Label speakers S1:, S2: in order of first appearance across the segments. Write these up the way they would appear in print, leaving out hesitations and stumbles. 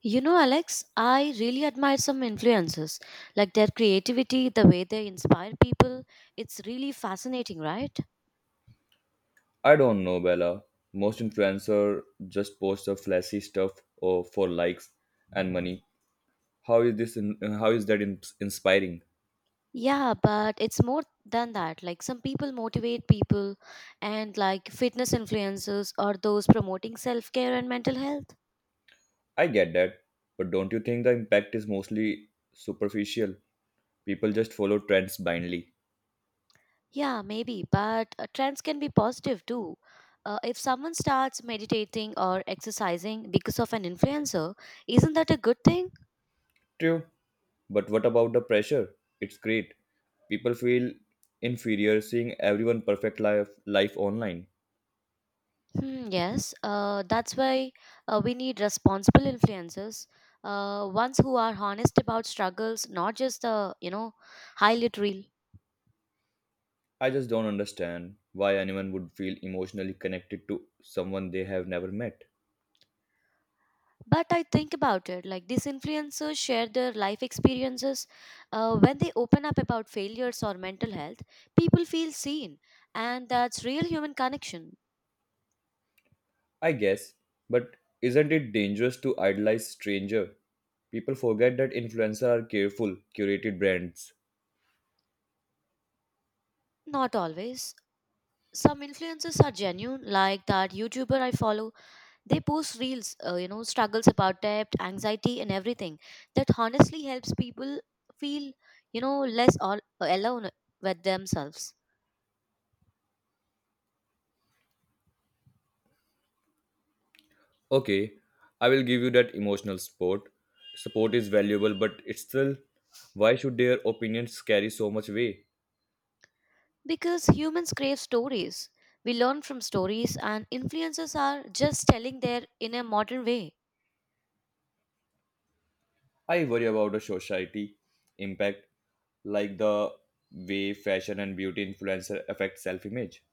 S1: You know, Alex, I really admire some influencers, like their creativity, the way they inspire people. It's really fascinating, right?
S2: I don't know, Bella. Most influencer just post the flashy stuff or for likes and money. How is this? How is that inspiring?
S1: Yeah, but it's more than that. Like some people motivate people, and like fitness influencers or those promoting self care and mental health.
S2: I get that, but don't you think the impact is mostly superficial? People just follow trends blindly.
S1: Yeah, maybe, but trends can be positive too. If someone starts meditating or exercising because of an influencer, isn't that a good thing?
S2: True, but what about the pressure? It's great. People feel inferior seeing everyone perfect life online.
S1: Hmm, yes, that's why we need responsible influencers, ones who are honest about struggles, not just the highlight reel.
S2: I just don't understand why anyone would feel emotionally connected to someone they have never met.
S1: But I think about it, like these influencers share their life experiences. When they open up about failures or mental health, people feel seen, and that's real human connection.
S2: I guess, but isn't it dangerous to idolize stranger? People forget that influencers are careful, curated brands.
S1: Not always. Some influencers are genuine, like that YouTuber I follow. They post reels, struggles about debt, anxiety, and everything. That honestly helps people feel, alone with themselves.
S2: Okay, I will give you that emotional support. Support is valuable, but it's still why should their opinions carry so much weight?
S1: Because humans crave stories. We learn from stories, and influencers are just telling their in a modern way.
S2: I worry about the society impact, like the way fashion and beauty influencer affect self-image.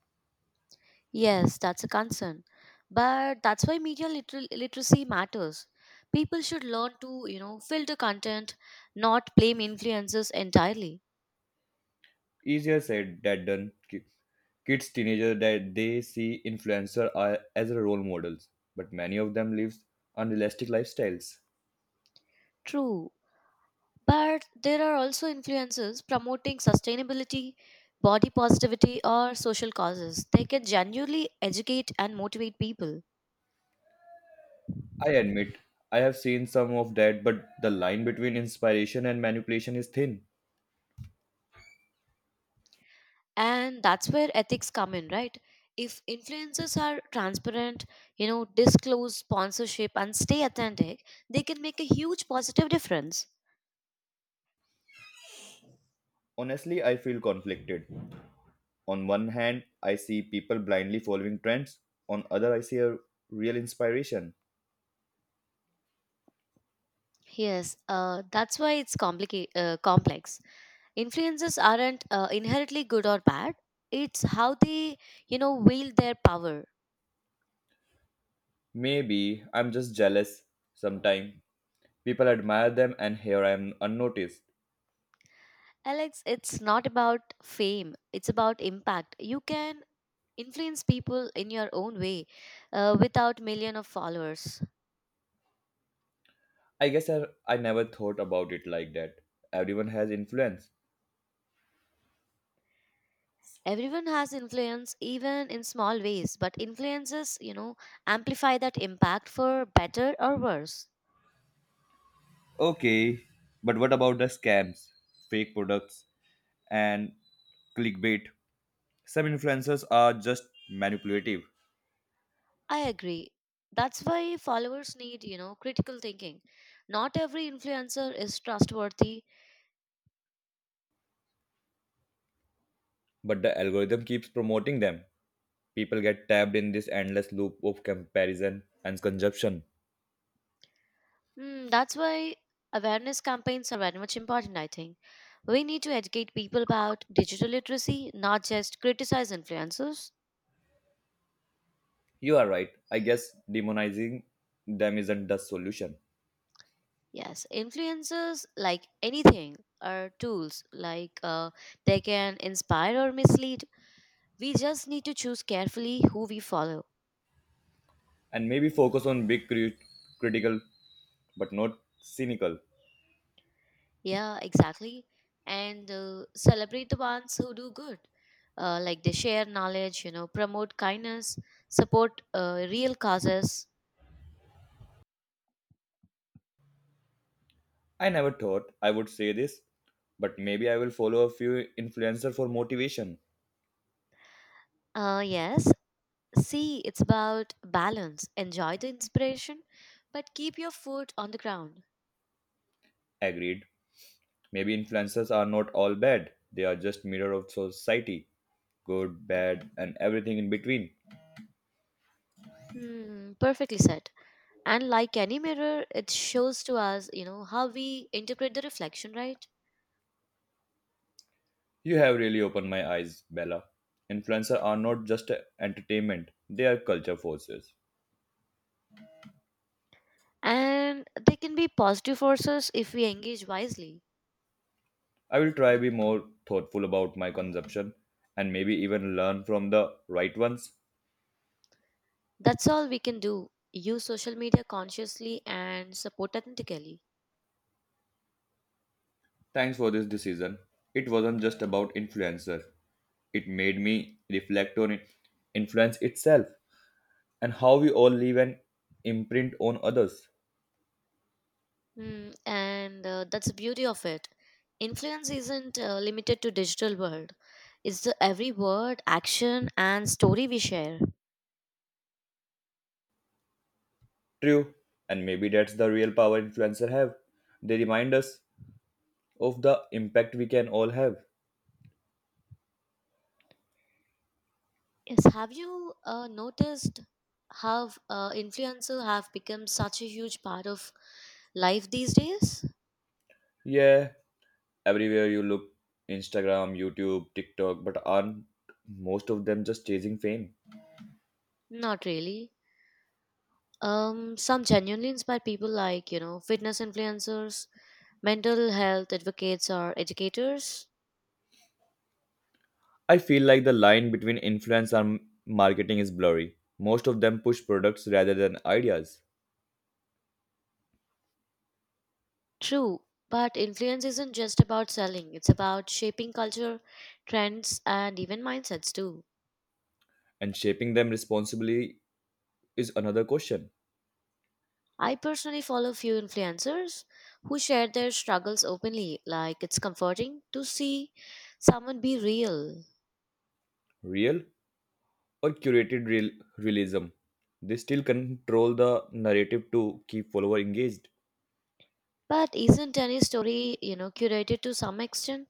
S1: Yes, that's a concern. But that's why literacy matters. People should learn to, filter content, not blame influencers entirely.
S2: Easier said than done. Kids, teenagers that they see as a role models, but many of them live unrealistic lifestyles.
S1: True. But there are also influencers promoting sustainability, body positivity, or social causes. They can genuinely educate and motivate people.
S2: I admit, I have seen some of that, but the line between inspiration and manipulation is thin.
S1: And that's where ethics come in, right? If influencers are transparent, disclose sponsorship and stay authentic, they can make a huge positive difference.
S2: Honestly, I feel conflicted. On one hand, I see people blindly following trends. On other, I see a real inspiration.
S1: Yes, that's why it's complex. Influencers aren't inherently good or bad. It's how they, wield their power.
S2: Maybe I'm just jealous sometimes. People admire them and here I am unnoticed.
S1: Alex, it's not about fame, it's about impact. You can influence people in your own way without million of followers.
S2: I guess I never thought about it like that. Everyone has influence.
S1: Everyone has influence, even in small ways, but influences, amplify that impact for better or worse.
S2: Okay, but what about the scams, fake products, and clickbait? Some influencers are just manipulative,
S1: I agree. That's why followers need, critical thinking. Not every influencer is trustworthy.
S2: but the algorithm keeps promoting them. People get tapped in this endless loop of comparison and consumption.
S1: Mm, that's why awareness campaigns are very much important, I think. We need to educate people about digital literacy, not just criticize influencers.
S2: You are right. I guess demonizing them isn't the solution.
S1: Yes, influencers, like anything, are tools, like they can inspire or mislead. We just need to choose carefully who we follow.
S2: And maybe focus on big, critical, but not cynical.
S1: Yeah, exactly. And celebrate the ones who do good. Like they share knowledge, promote kindness, support real causes.
S2: I never thought I would say this, but maybe I will follow a few influencer for motivation.
S1: Uh, yes, See, it's about balance. Enjoy the inspiration, but keep your foot on the ground.
S2: Agreed. Maybe influencers are not all bad. They are just mirror of society. Good, bad, and everything in between.
S1: Hmm, perfectly said. And like any mirror, it shows to us, how we interpret the reflection, right?
S2: You have really opened my eyes, Bella. Influencers are not just entertainment, they are culture forces.
S1: And they can be positive forces if we engage wisely.
S2: I will try be more thoughtful about my consumption and maybe even learn from the right ones.
S1: That's all we can do. Use social media consciously and support authentically.
S2: Thanks for this decision. It wasn't just about influencer. It made me reflect on it, influence itself, and how we all leave an imprint on others.
S1: Mm, and that's the beauty of it. Influence isn't limited to digital world. It's the every word, action, and story we share.
S2: True, and maybe that's the real power influencers have. They remind us of the impact we can all have.
S1: Yes, have you noticed how influencer have become such a huge part of life these days?
S2: Yeah, everywhere you look, Instagram, YouTube, TikTok, but aren't most of them just chasing fame?
S1: Not really. Some genuinely inspire people like fitness influencers, mental health advocates, or educators.
S2: I feel like the line between influence and marketing is blurry. Most of them push products rather than ideas,
S1: True, but influence isn't just about selling, it's about shaping culture, trends, and even mindsets too.
S2: and shaping them responsibly is another question.
S1: I personally follow few influencers who share their struggles openly, like it's comforting to see someone be real.
S2: Real or realism. They still control the narrative to keep follower engaged.
S1: But isn't any story, curated to some extent?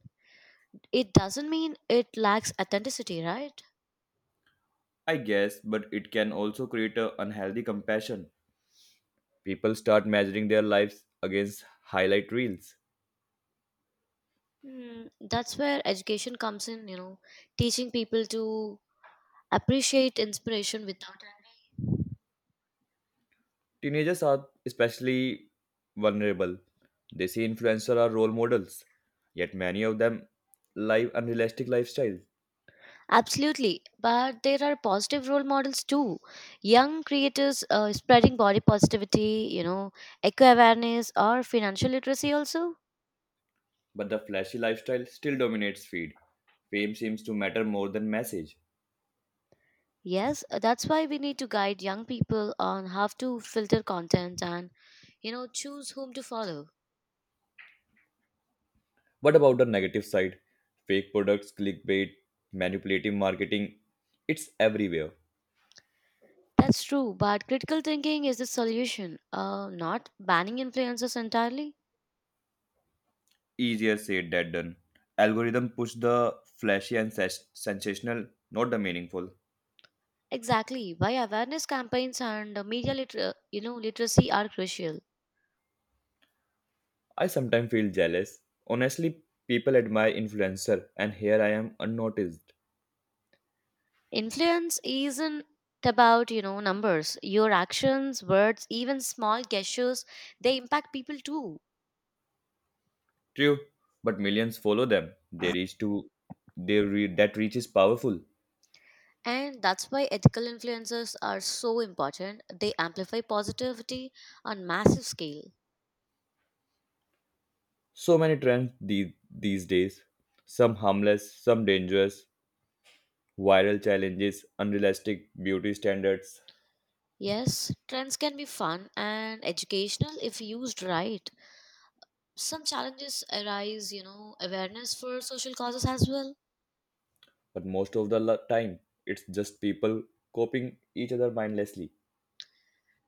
S1: It doesn't mean it lacks authenticity, right?
S2: I guess, but it can also create an unhealthy compassion. People start measuring their lives against highlight reels.
S1: Hmm, that's where education comes in, teaching people to appreciate inspiration without envy.
S2: Teenagers are especially vulnerable. They see influencers are role models, yet many of them live unrealistic lifestyles.
S1: Absolutely, but there are positive role models too. Young creators spreading body positivity, eco awareness, or financial literacy also.
S2: But the flashy lifestyle still dominates feed. Fame seems to matter more than message.
S1: Yes, that's why we need to guide young people on how to filter content and, choose whom to follow.
S2: What about the negative side? Fake products, clickbait, manipulative marketing. It's everywhere.
S1: That's true, but critical thinking is the solution, not banning influencers entirely.
S2: Easier said than done. Algorithm push the flashy and sensational, not the meaningful.
S1: Exactly, why awareness campaigns and media liter- you know literacy are crucial.
S2: I sometimes feel jealous. Honestly, people admire influencer and here I am unnoticed.
S1: Influence isn't about, numbers. Your actions, words, even small gestures, they impact people too.
S2: True, but millions follow them. They reach to they re- That reach is powerful.
S1: And that's why ethical influencers are so important. They amplify positivity on massive scale.
S2: So many trends these days. Some harmless, some dangerous, viral challenges, unrealistic beauty standards,
S1: Yes, trends can be fun and educational if used right. Some challenges arise, awareness for social causes as well.
S2: but most of the time it's just people copying each other mindlessly.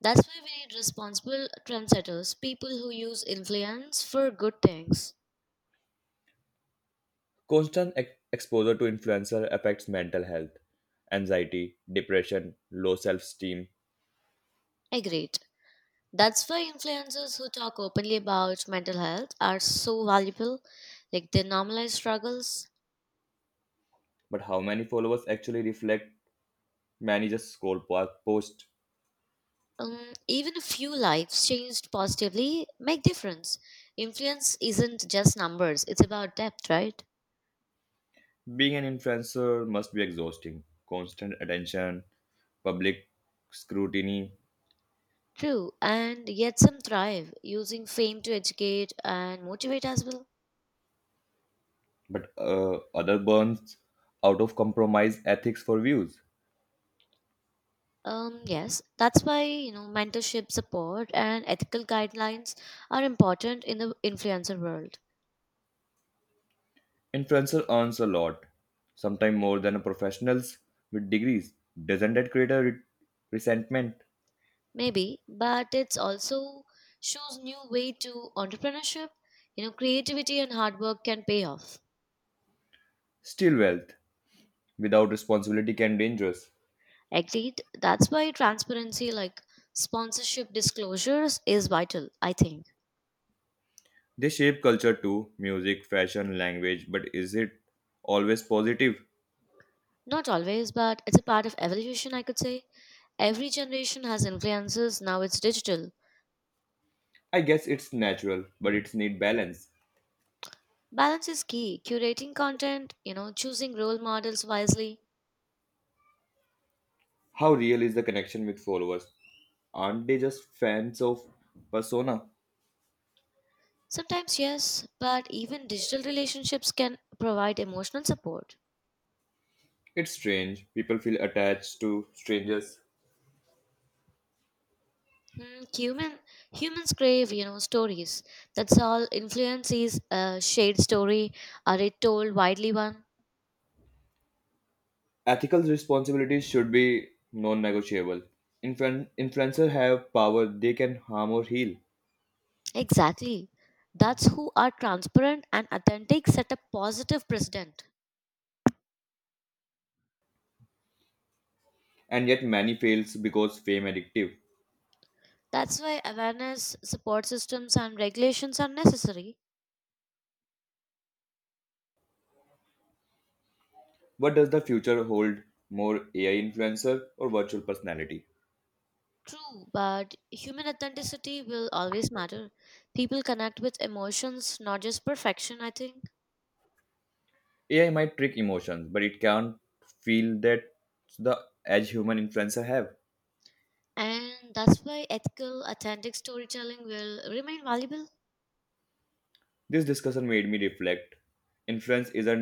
S1: That's why we need responsible trendsetters, people who use influence for good things.
S2: Constant exposure to influencer affects mental health, anxiety, depression, low self-esteem.
S1: Agreed. That's why influencers who talk openly about mental health are so valuable. Like they normalize struggles.
S2: But how many followers actually reflect many just scroll past post?
S1: Even a few lives changed positively make difference. Influence isn't just numbers; it's about depth, right?
S2: Being an influencer must be exhausting. Constant attention, public scrutiny,
S1: True, and yet some thrive using fame to educate and motivate as well.
S2: but other burns out of compromise ethics for views.
S1: Yes, that's why mentorship support and ethical guidelines are important in the influencer world.
S2: Influencer earns a lot, sometimes more than professionals with degrees. Doesn't that create a resentment?
S1: Maybe, but it's also shows new way to entrepreneurship. You know, creativity and hard work can pay off.
S2: Still, wealth without responsibility can be dangerous.
S1: Agreed. That's why transparency like sponsorship disclosures is vital, I think.
S2: They shape culture too, music, fashion, language, but is it always positive?
S1: Not always, but it's a part of evolution, I could say. Every generation has influences, now it's digital.
S2: I guess it's natural, but it's need balance.
S1: Balance is key. Curating content, choosing role models wisely.
S2: How real is the connection with followers? Aren't they just fans of persona?
S1: Sometimes, yes, but even digital relationships can provide emotional support.
S2: It's strange. People feel attached to strangers.
S1: Mm, humans crave, stories. That's all. Influence is a shared story. Are it told widely one?
S2: Ethical responsibilities should be non-negotiable. Influencers have power; they can harm or heal,
S1: Exactly. That's who are transparent and authentic set a positive precedent.
S2: and yet many fails because fame addictive.
S1: That's why awareness, support systems, and regulations are necessary.
S2: What does the future hold? More AI influencer or virtual personality?
S1: True, but human authenticity will always matter. People connect with emotions, not just perfection. I think,
S2: AI might trick emotions, but it can't feel that the edge human influencer have.
S1: and that's why ethical, authentic storytelling will remain valuable.
S2: This discussion made me reflect. Influence isn't